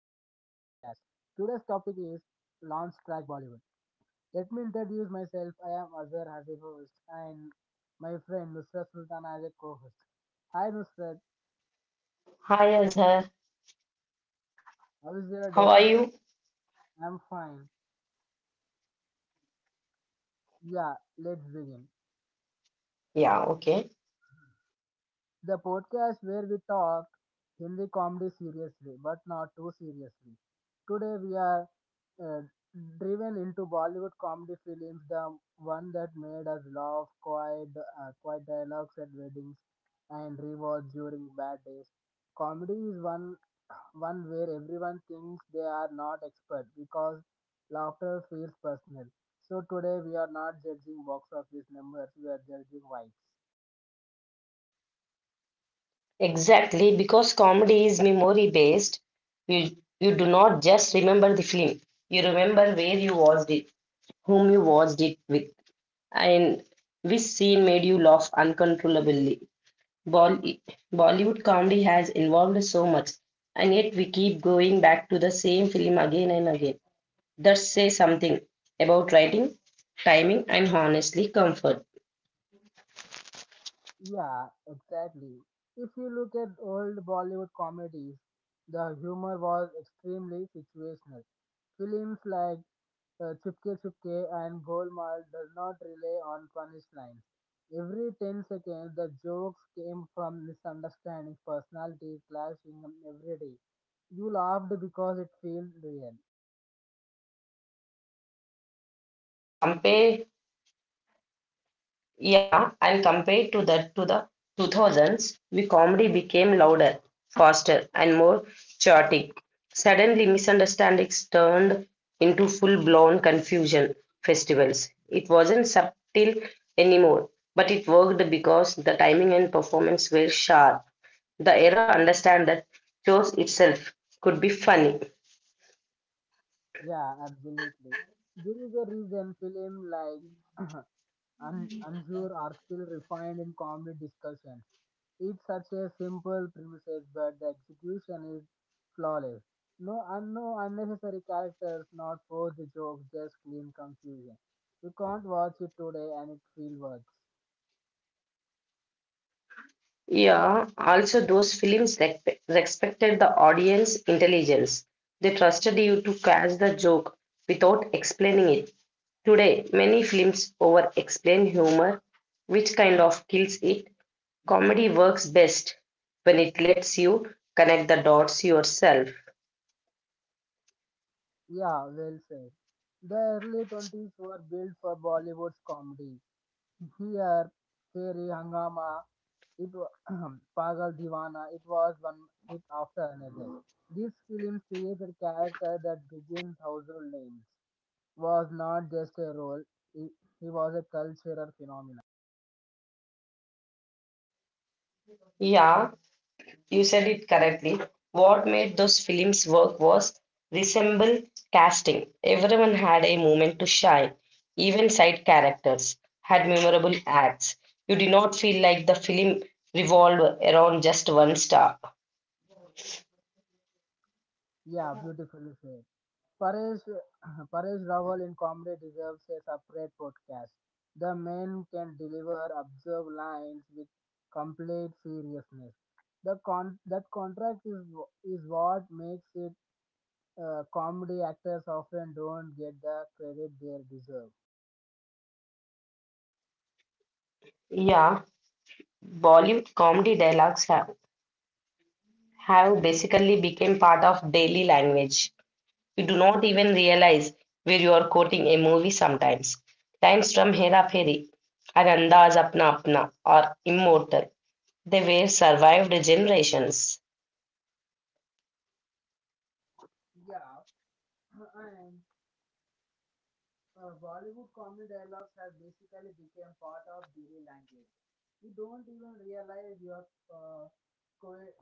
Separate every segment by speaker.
Speaker 1: Today's topic is Launch Track Bollywood. Let me introduce myself. I am Azhar as a host and my friend Nusrat Sultana as a co-host. Hi Nusrat,
Speaker 2: Hi, Azhar.
Speaker 1: how is your day?
Speaker 2: How are you?
Speaker 1: I'm fine. Yeah, let's begin.
Speaker 2: Yeah, okay.
Speaker 1: The podcast where we talk Hindi comedy seriously, but not too seriously. Today we are uh, driven into Bollywood comedy films, the one that made us laugh, quiet, quiet dialogues at weddings, and rewards during bad days. Comedy is one where everyone thinks they are not expert because laughter feels personal. So today we are not judging box office numbers, we are judging vibes.
Speaker 2: Exactly, because comedy is memory based. You you do not just remember the film. You remember where you watched it, whom you watched it with, and which scene made you laugh uncontrollably. Bolly Bollywood comedy has evolved so much, and yet we keep going back to the same film again and again. That says something about writing, timing, and honestly, comfort.
Speaker 1: Yeah, exactly. If you look at old Bollywood comedies, the humor was extremely situational. Films like Chupke Chupke and Golmaal does not rely on punchlines. Every 10 seconds, the jokes came from misunderstanding, personality clashing every day. You laughed because it felt real.
Speaker 2: And compare Yeah, and compared to that to the 2000s, we comedy became louder, faster, and more chaotic. Suddenly, misunderstandings turned into full-blown confusion festivals. It wasn't subtle anymore, but it worked because the timing and performance were sharp. The era understand that shows itself could be funny.
Speaker 1: Yeah, absolutely. There is a reason film like Anjur are still refined in comedy discussions. It's such a simple premises, but the execution is flawless. No, no unnecessary characters, not forced jokes, just clean confusion. You can't watch it today and it still works.
Speaker 2: Yeah, also those films respected the audience intelligence. They trusted you to catch the joke without explaining it. Today, many films over-explain humor, which kind of kills it. Comedy works best when it lets you connect the dots yourself.
Speaker 1: Yeah, well said. The early 20s were built for Bollywood's comedy. Here, Fairy Hangama, it wa- Pagal Diwana, it was one hit after another. These films created characters that became household names. Was not just a role, he, he was a cultural phenomenon.
Speaker 2: Yeah, you said it correctly. What made those films work was resemble casting. Everyone had a moment to shine. Even side characters had memorable acts. You did not feel like the film revolved around just one star.
Speaker 1: Yeah, beautifully said. Paresh, Paresh Rawal in comedy deserves a separate podcast. The man can deliver observed lines with complete seriousness. That contract is what makes it comedy actors often don't get the credit they deserve.
Speaker 2: Yeah, Bollywood comedy dialogues have basically become part of daily language. You do not even realize where you are quoting a movie sometimes. Lines from Hera Fairy and Andaz Apna Apna are immortal. They were survived generations.
Speaker 1: Yeah, and Bollywood comedy dialogues have basically become part of daily language. You don't even realize you're co-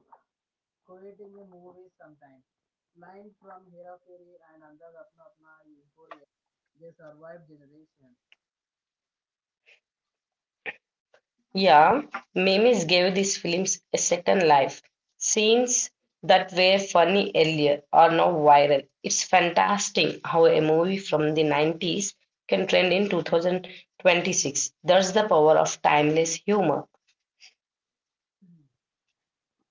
Speaker 1: quoting a movie sometimes. Line from Hera Fairy and Andaz Apna Apna is Korea. They survived generations.
Speaker 2: Yeah, memes gave these films a second life. Scenes that were funny earlier are now viral. It's fantastic how a movie from the 90s can trend in 2026. That's the power of timeless humor.
Speaker 1: Mhm.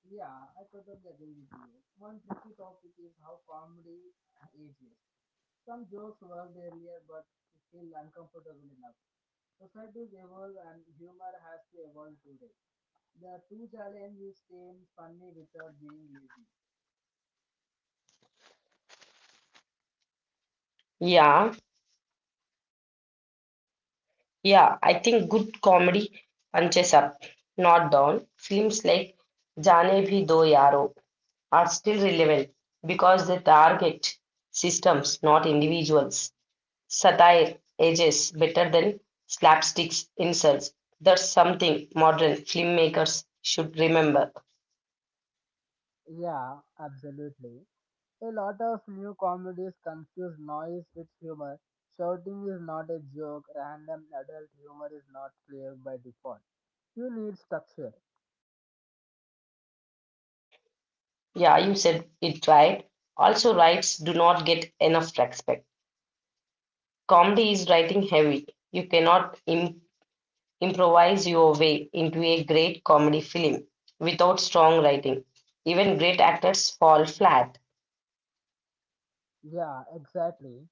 Speaker 1: Yeah, I totally agree with you. One tricky topic is how comedy ages. Some jokes worked earlier but feel uncomfortable enough. Societies evolve and humor has to evolve today. The true challenge is staying funny without being lazy.
Speaker 2: Yeah, Yeah, I think good comedy punches up, not down. Films like Jaane Bhi Do Yaro are still relevant because they target systems, not individuals. Satire ages better than slapsticks insults. That's something modern filmmakers should remember.
Speaker 1: Yeah, absolutely. A lot of new comedies confuse noise with humor. Shouting is not a joke, random adult humor is not clear by default. You need structure.
Speaker 2: Yeah, you said it right. Also, rights do not get enough respect. Comedy is writing heavy. You cannot im. Improvise your way into a great comedy film without strong writing. Even great actors fall flat.
Speaker 1: Yeah, exactly.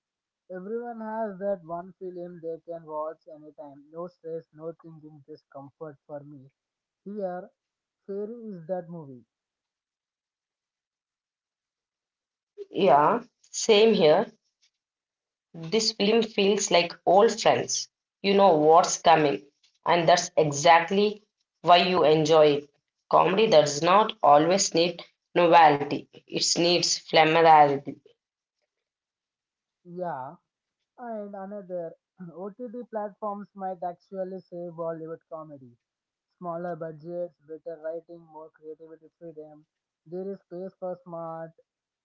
Speaker 1: Everyone has that one film they can watch anytime. No stress, no thinking, just comfort for me. Here, Fairy is that movie.
Speaker 2: Yeah, same here. This film feels like old friends. You know what's coming, and that's exactly why you enjoy it. Comedy does not always need novelty, it needs familiarity.
Speaker 1: Yeah, and another, OTT platforms might actually save Bollywood comedy. Smaller budgets, better writing, more creativity freedom. There is space for smart,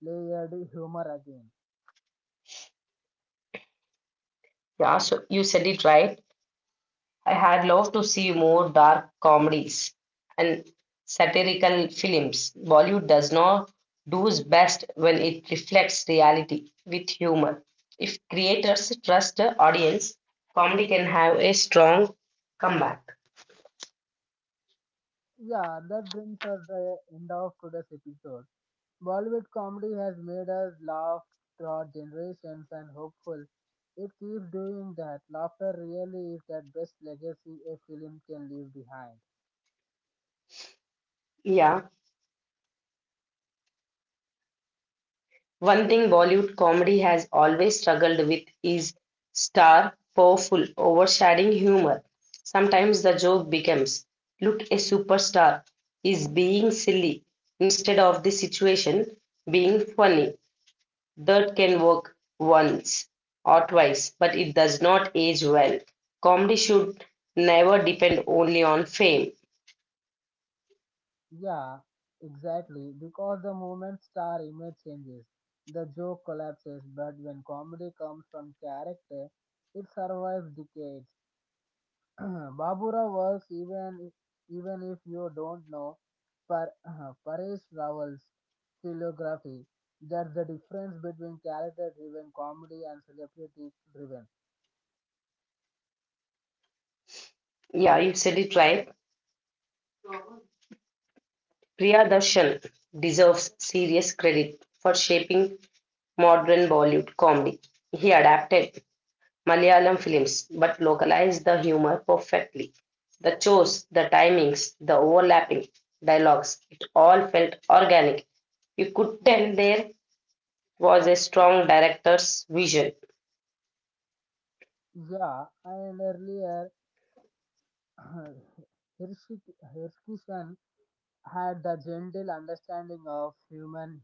Speaker 1: layered humor again.
Speaker 2: Yeah, so you said it right. I had loved to see more dark comedies and satirical films. Bollywood does not do its best when it reflects reality with humor. If creators trust the audience, comedy can have a strong comeback.
Speaker 1: Yeah, that brings us the end of today's episode. Bollywood comedy has made us laugh throughout generations and hopeful. It keeps doing that. Laughter really is that best legacy a film can leave behind.
Speaker 2: Yeah. One thing Bollywood comedy has always struggled with is star powerful, overshadowing humor. Sometimes the joke becomes, look, a superstar is being silly instead of the situation being funny. That can work once or twice, but it does not age well. Comedy should never depend only on fame.
Speaker 1: Yeah, exactly. Because the moment star image changes, the joke collapses. But when comedy comes from character, it survives decades. Babura works even if you don't know Par Paresh Rawal's filography. That's the difference between character-driven comedy and celebrity-driven.
Speaker 2: Yeah, you said it right. Priya Darshan deserves serious credit for shaping modern Bollywood comedy. He adapted Malayalam films but localized the humor perfectly. The chores, the timings, the overlapping dialogues, it all felt organic. You could tell there was a strong director's vision.
Speaker 1: Yeah, and earlier Hirschishan had the gentle understanding of human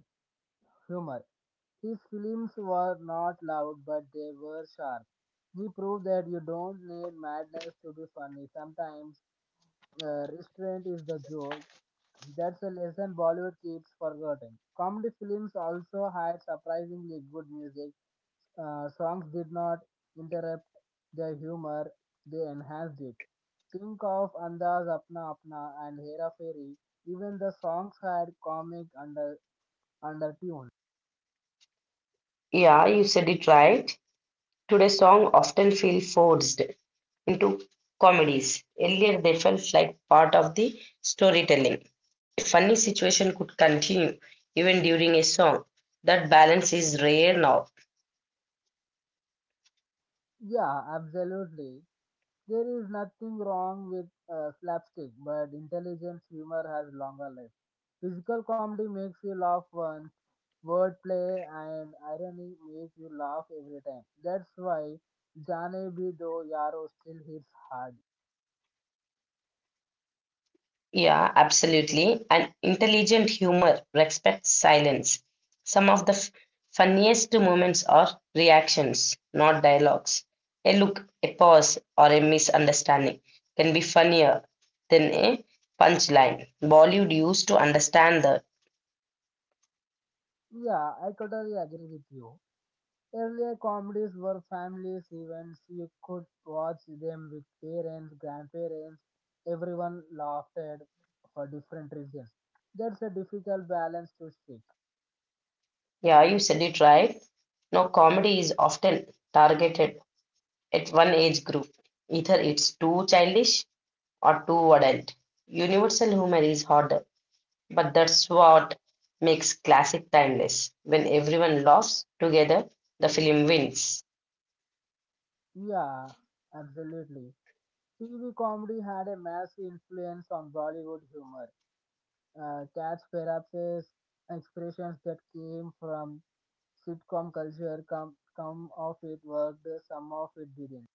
Speaker 1: humor. His films were not loud, but they were sharp. He proved that you don't need madness to be funny. Sometimes restraint is the joke. That's a lesson Bollywood keeps forgotten. Comedy films also had surprisingly good music. Songs did not interrupt the humor, they enhanced it. Think of Andaz Apna Apna and Hera Fairy. Even the songs had comic under tune.
Speaker 2: Yeah, you said it right. Today's songs often feel forced into comedies. Earlier, they felt like part of the storytelling. A funny situation could continue even during a song. That balance is rare now.
Speaker 1: Yeah, absolutely. There is nothing wrong with slapstick, but intelligent humor has longer life. Physical comedy makes you laugh once, wordplay and irony make you laugh every time. That's why Jane Bhi Do Yaro still hits hard.
Speaker 2: Yeah, absolutely. And intelligent humor respects silence. Some of the funniest moments are reactions, not dialogues. A look, a pause, or a misunderstanding can be funnier than a punchline. Bollywood used to understand that.
Speaker 1: Yeah, I totally agree with you. Earlier comedies were families events. You could watch them with parents, grandparents. Everyone laughed at for different reasons. That's a difficult balance to strike.
Speaker 2: Yeah, you said it right. Now, comedy is often targeted at one age group. Either it's too childish or too adult. Universal humor is harder, but that's what makes classic timeless. When everyone laughs together, the film wins.
Speaker 1: Yeah, absolutely. TV comedy had a massive influence on Bollywood humor. Cats perhaps is expressions that came from sitcom culture. Come of it worked, some of it didn't.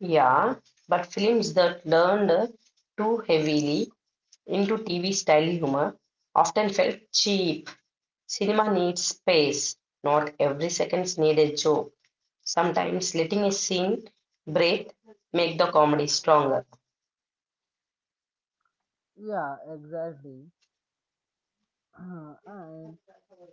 Speaker 2: Yeah, but films that leaned too heavily into TV style humor often felt cheap. Cinema needs space. Not every second needs a joke. Sometimes letting a scene breathe make the comedy stronger.
Speaker 1: Yeah, exactly. And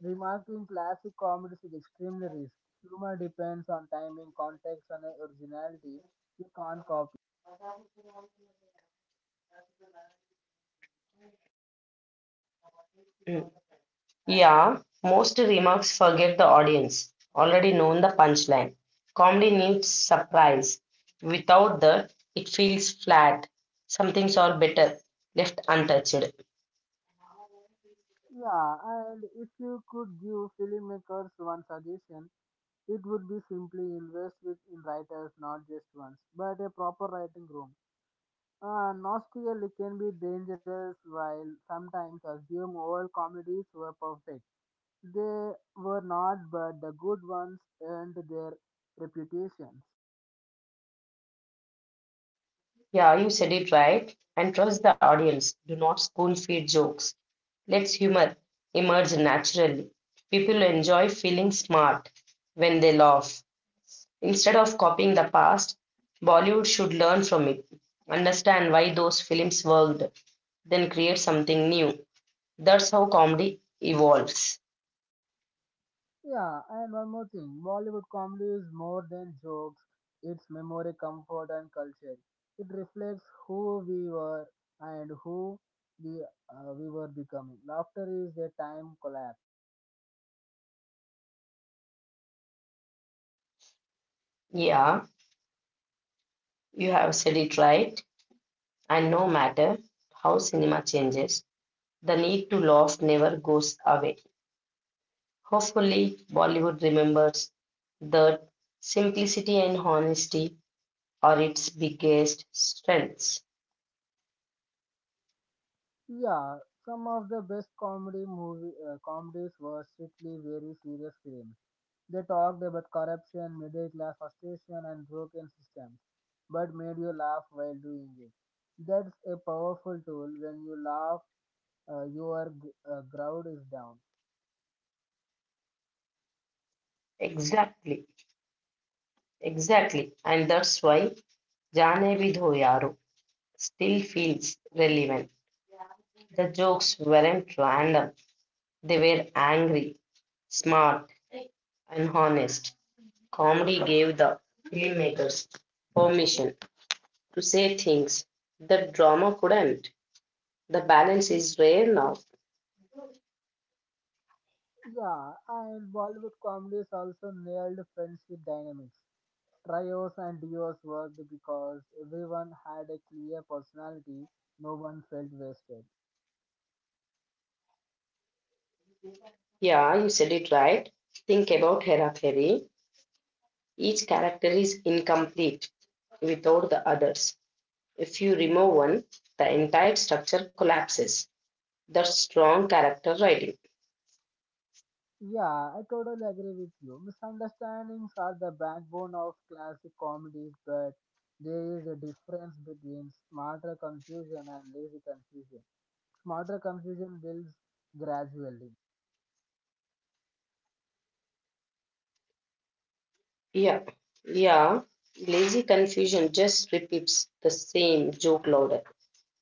Speaker 1: Remarking classic comedies is extremely risky. Humor depends on timing, context, and originality. You can't copy.
Speaker 2: Hmm. Yeah, most remarks forget the audience already known the punchline. Comedy needs surprise. Without that, it feels flat. Some things are better left untouched.
Speaker 1: Yeah, and if you could give filmmakers one suggestion, it would be simply invest with in writers, not just once, but a proper writing room. Nostalgia can be dangerous while sometimes assume all comedies were perfect. They were not, but the good ones earned their reputations.
Speaker 2: Yeah, you said it right. And trust the audience. Do not spoon feed jokes. Let's humor emerge naturally. People enjoy feeling smart when they laugh. Instead of copying the past, Bollywood should learn from it. Understand why those films worked then create something new. That's how comedy evolves.
Speaker 1: Yeah, and one more thing Bollywood comedy is more than jokes, it's memory, comfort, and culture. It reflects who we were and who we, we were becoming. Laughter is a time collapse.
Speaker 2: Yeah, you have said it right. And no matter how cinema changes, the need to laugh never goes away. Hopefully, Bollywood remembers that simplicity and honesty are its biggest strengths.
Speaker 1: Yeah, some of the best comedy movie comedies were strictly very serious films. They talked about corruption, middle class frustration, and broken systems, but made you laugh while doing it. That's a powerful tool when you laugh crowd is down.
Speaker 2: Exactly, exactly. And that's why Jane Vidho Yaro still feels relevant. The jokes weren't random, they were angry, smart, and honest. Comedy gave the filmmakers permission to say things that drama couldn't. The balance is rare now.
Speaker 1: Yeah, and Bollywood comedies also nailed friendship dynamics. Trios and duos worked because everyone had a clear personality, no one felt wasted.
Speaker 2: Yeah, you said it right. Think about Hera Fairy. Each character is incomplete without the others. If you remove one, the entire structure collapses. That's strong character writing.
Speaker 1: Yeah, I totally agree with you. Misunderstandings are the backbone of classic comedies, but there is a difference between smarter confusion and lazy confusion. Smarter confusion builds gradually.
Speaker 2: Yeah, yeah. Lazy confusion just repeats the same joke louder.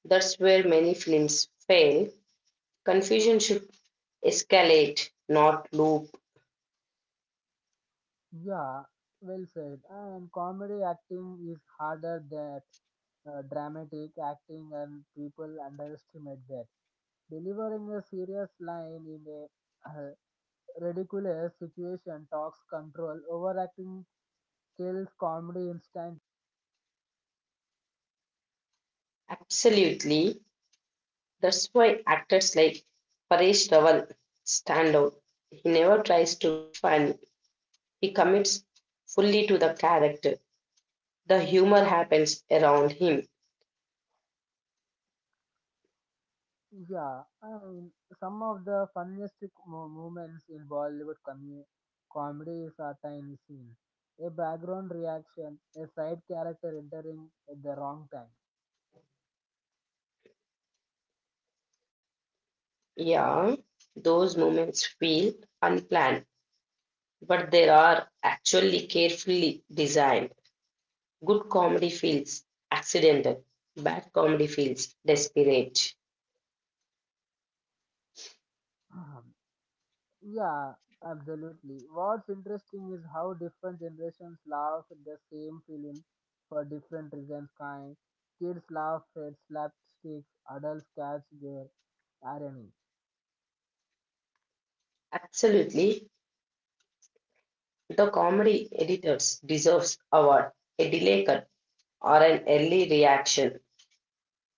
Speaker 2: That's where many films fail. Confusion should escalate, not loop.
Speaker 1: Yeah, well said. And comedy acting is harder than dramatic acting, and people underestimate that. Delivering a serious line in a uh, ridiculous situation talks control. Overacting kills comedy instantly.
Speaker 2: Absolutely. That's why actors like Paresh Rawal stand out. He never tries to be funny. He commits fully to the character. The humor happens around him.
Speaker 1: Yeah, and some of the funniest moments in Bollywood comedies are tiny scenes. A background reaction, a side character entering at the wrong time.
Speaker 2: Yeah, those moments feel unplanned, but they are actually carefully designed. Good comedy feels accidental, bad comedy feels desperate.
Speaker 1: Yeah, absolutely. What's interesting is how different generations laugh at the same film for different reasons. Kind Kids laugh at slapsticks, adults catch their irony.
Speaker 2: Absolutely. The comedy editors deserves award. A delay cut or an early reaction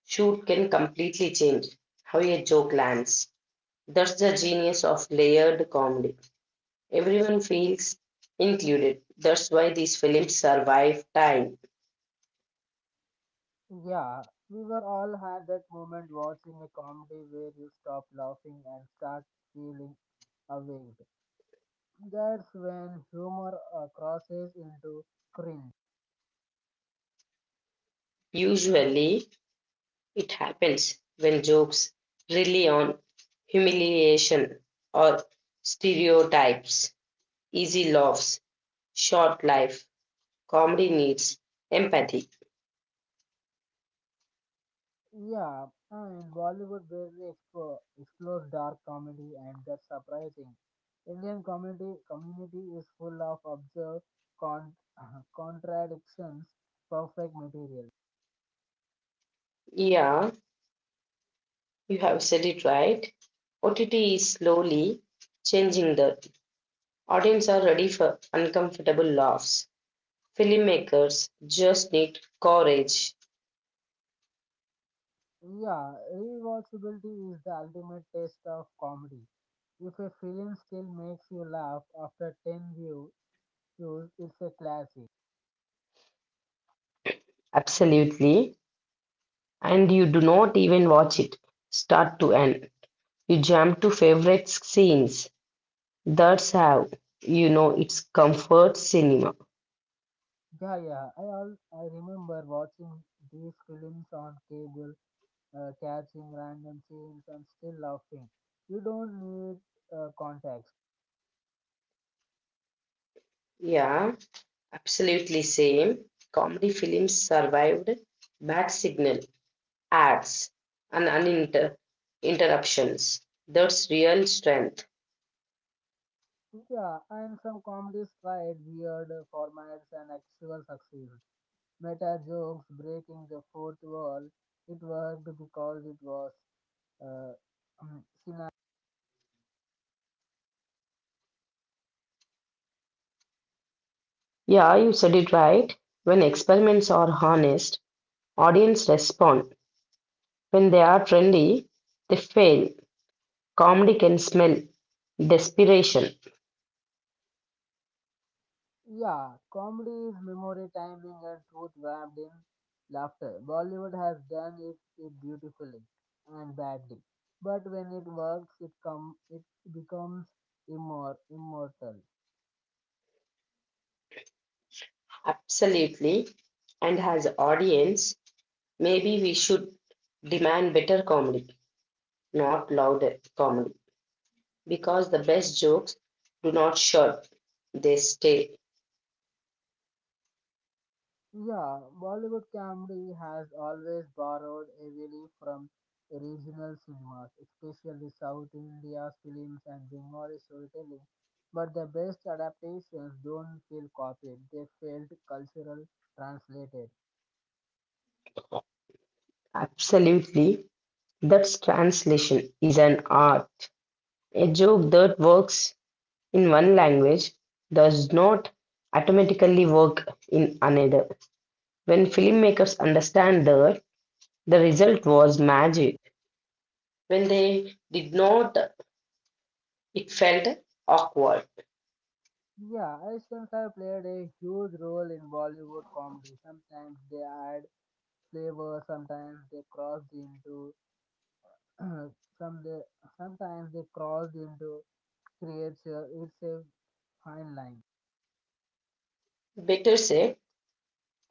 Speaker 2: shoot can completely change how a joke lands. That's the genius of layered comedy. Everyone feels included. That's why these films survive time.
Speaker 1: Yeah, we were all had that moment watching a comedy where you stop laughing and start feeling awake. That's when humor crosses into cringe.
Speaker 2: Usually, it happens when jokes rely on humiliation or stereotypes, easy laughs, short life comedy needs empathy.
Speaker 1: Yeah, and Bollywood barely explores dark comedy, and that's surprising. Indian community is full of absurd con- contradictions, perfect material.
Speaker 2: Yeah, you have said it right. OTT is slowly changing the audience are ready for uncomfortable laughs. Filmmakers just need courage.
Speaker 1: Yeah, rewatchability is the ultimate test of comedy. If a film still makes you laugh after 10 views, it's a classic.
Speaker 2: Absolutely. And you do not even watch it start to end. You jump to favorite scenes. That's how you know it's comfort cinema.
Speaker 1: Yeah, all I remember watching these films on cable catching random scenes and still laughing. You don't need context.
Speaker 2: Yeah, absolutely same. Comedy films survived Bad Signal ads, and interruptions. That's real strength.
Speaker 1: Yeah, and some comedies tried weird formats and actual succeed. Meta jokes breaking the fourth wall. It worked because it was uh, cinematic.
Speaker 2: Yeah, you said it right. When experiments are honest, audience respond. When they are trendy, they fail. Comedy can smell desperation.
Speaker 1: Yeah, comedy is memory timing and truth wrapped in laughter. Bollywood has done it, it beautifully and badly, but when it works, it becomes immortal.
Speaker 2: Absolutely. And as audience, maybe we should demand better comedy, not louder comedy. Because the best jokes do not short, they stay.
Speaker 1: Yeah, Bollywood comedy has always borrowed heavily from regional cinemas, especially South India's films and Bengali storytelling. But the best adaptations don't feel copied; they felt cultural translated.
Speaker 2: Absolutely. That's translation is an art. A joke that works in one language does not automatically work in another. When filmmakers understand that, the result was magic. When they did not, it felt awkward.
Speaker 1: Yeah, accents have played a huge role in Bollywood comedy. Sometimes they add flavor, sometimes they cross into some they, sometimes they cross into creature. It's a fine line.
Speaker 2: Better say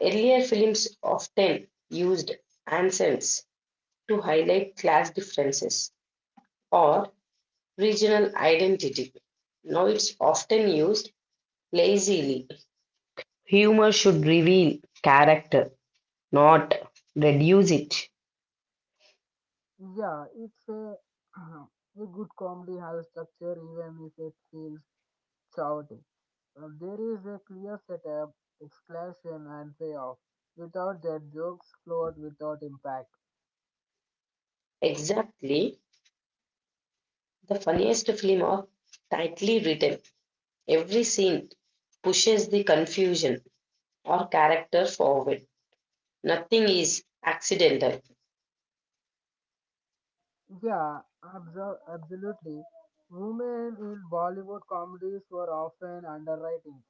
Speaker 2: earlier films often used accents to highlight class differences or regional identity. Now it's often used lazily. Humor should reveal character, not reduce it.
Speaker 1: Yeah, it's a a good comedy has structure even if it feels chaotic. There is a clear setup, exclamation and payoff. Without that jokes float without impact.
Speaker 2: Exactly. The funniest film are tightly written. Every scene pushes the confusion or character forward. Nothing is accidental.
Speaker 1: Yeah, absolutely. Women in Bollywood comedies were often underwriting.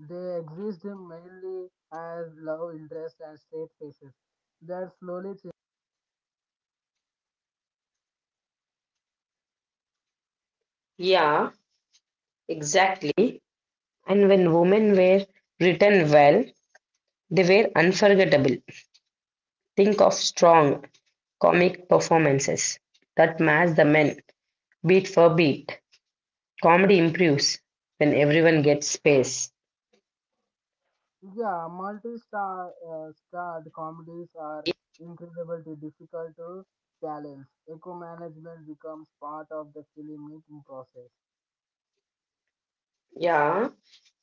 Speaker 1: They exist mainly as love interest and straight faces. That slowly changed.
Speaker 2: Yeah, exactly. And when women were written well, they were unforgettable. Think of strong comic performances that match the men beat for beat. Comedy improves when everyone gets space.
Speaker 1: Yeah, multi-star starred comedies are incredibly difficult to balance. Eco management becomes part of the filmmaking process.
Speaker 2: Yeah,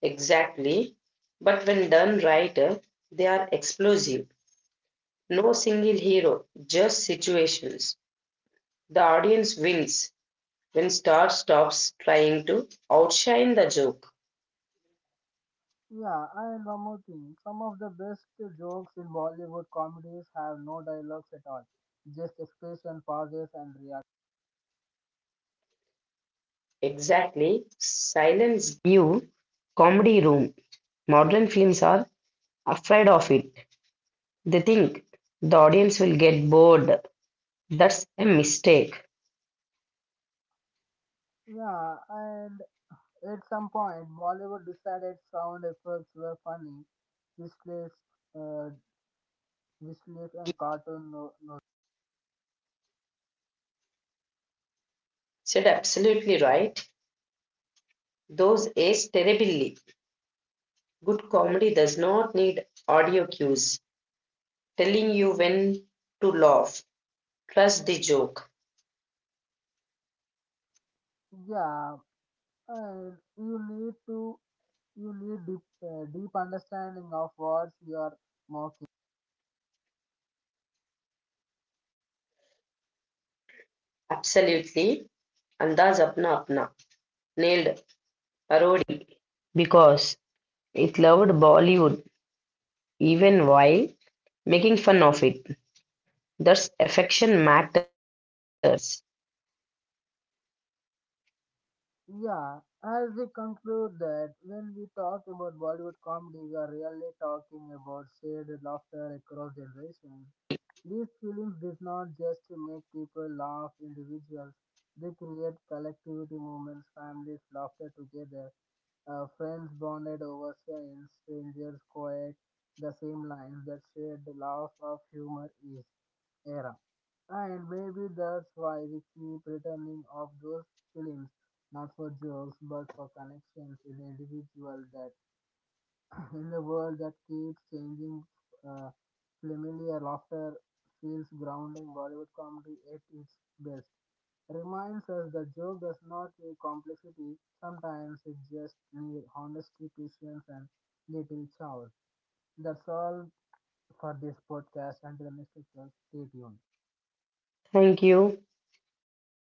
Speaker 2: exactly. But when done right, they are explosive. No single hero, just situations. The audience wins when star stops trying to outshine the joke.
Speaker 1: Yeah, and one more thing. Some of the best jokes in Bollywood comedies have no dialogues at all, just expression, pauses, and reaction.
Speaker 2: Exactly. Silence. New comedy room. Modern films are afraid of it. They think the audience will get bored. That's a mistake.
Speaker 1: Yeah, and at some point, Bollywood decided sound effects were funny, visuals, uh, visuals and cartoon. No, no.
Speaker 2: Said absolutely right. Those age terribly. Good comedy does not need audio cues telling you when to laugh. Trust the joke.
Speaker 1: Yeah, and you need deep, deep understanding of words you are mocking.
Speaker 2: Absolutely. Andaz Apna Apna. Nailed parody because it loved Bollywood even while making fun of it. That's affection matters.
Speaker 1: Yeah, as we conclude that when we talk about Bollywood comedy, we are really talking about shared laughter across generations. These films did not just make people laugh individuals, they create collectivity moments, families laughter together, friends bonded over scenes, strangers quiet the same lines that shared the laugh of humor is era. And maybe that's why we keep returning of those films, not for jokes, but for connections with individual that in the world that keeps changing, uh, familiar laughter feels grounding. Bollywood comedy at its best reminds us that joke does not need complexity. Sometimes it just needs honesty, patience, and little chaos. That's all for this podcast. Until the next podcast, stay tuned.
Speaker 2: Thank you.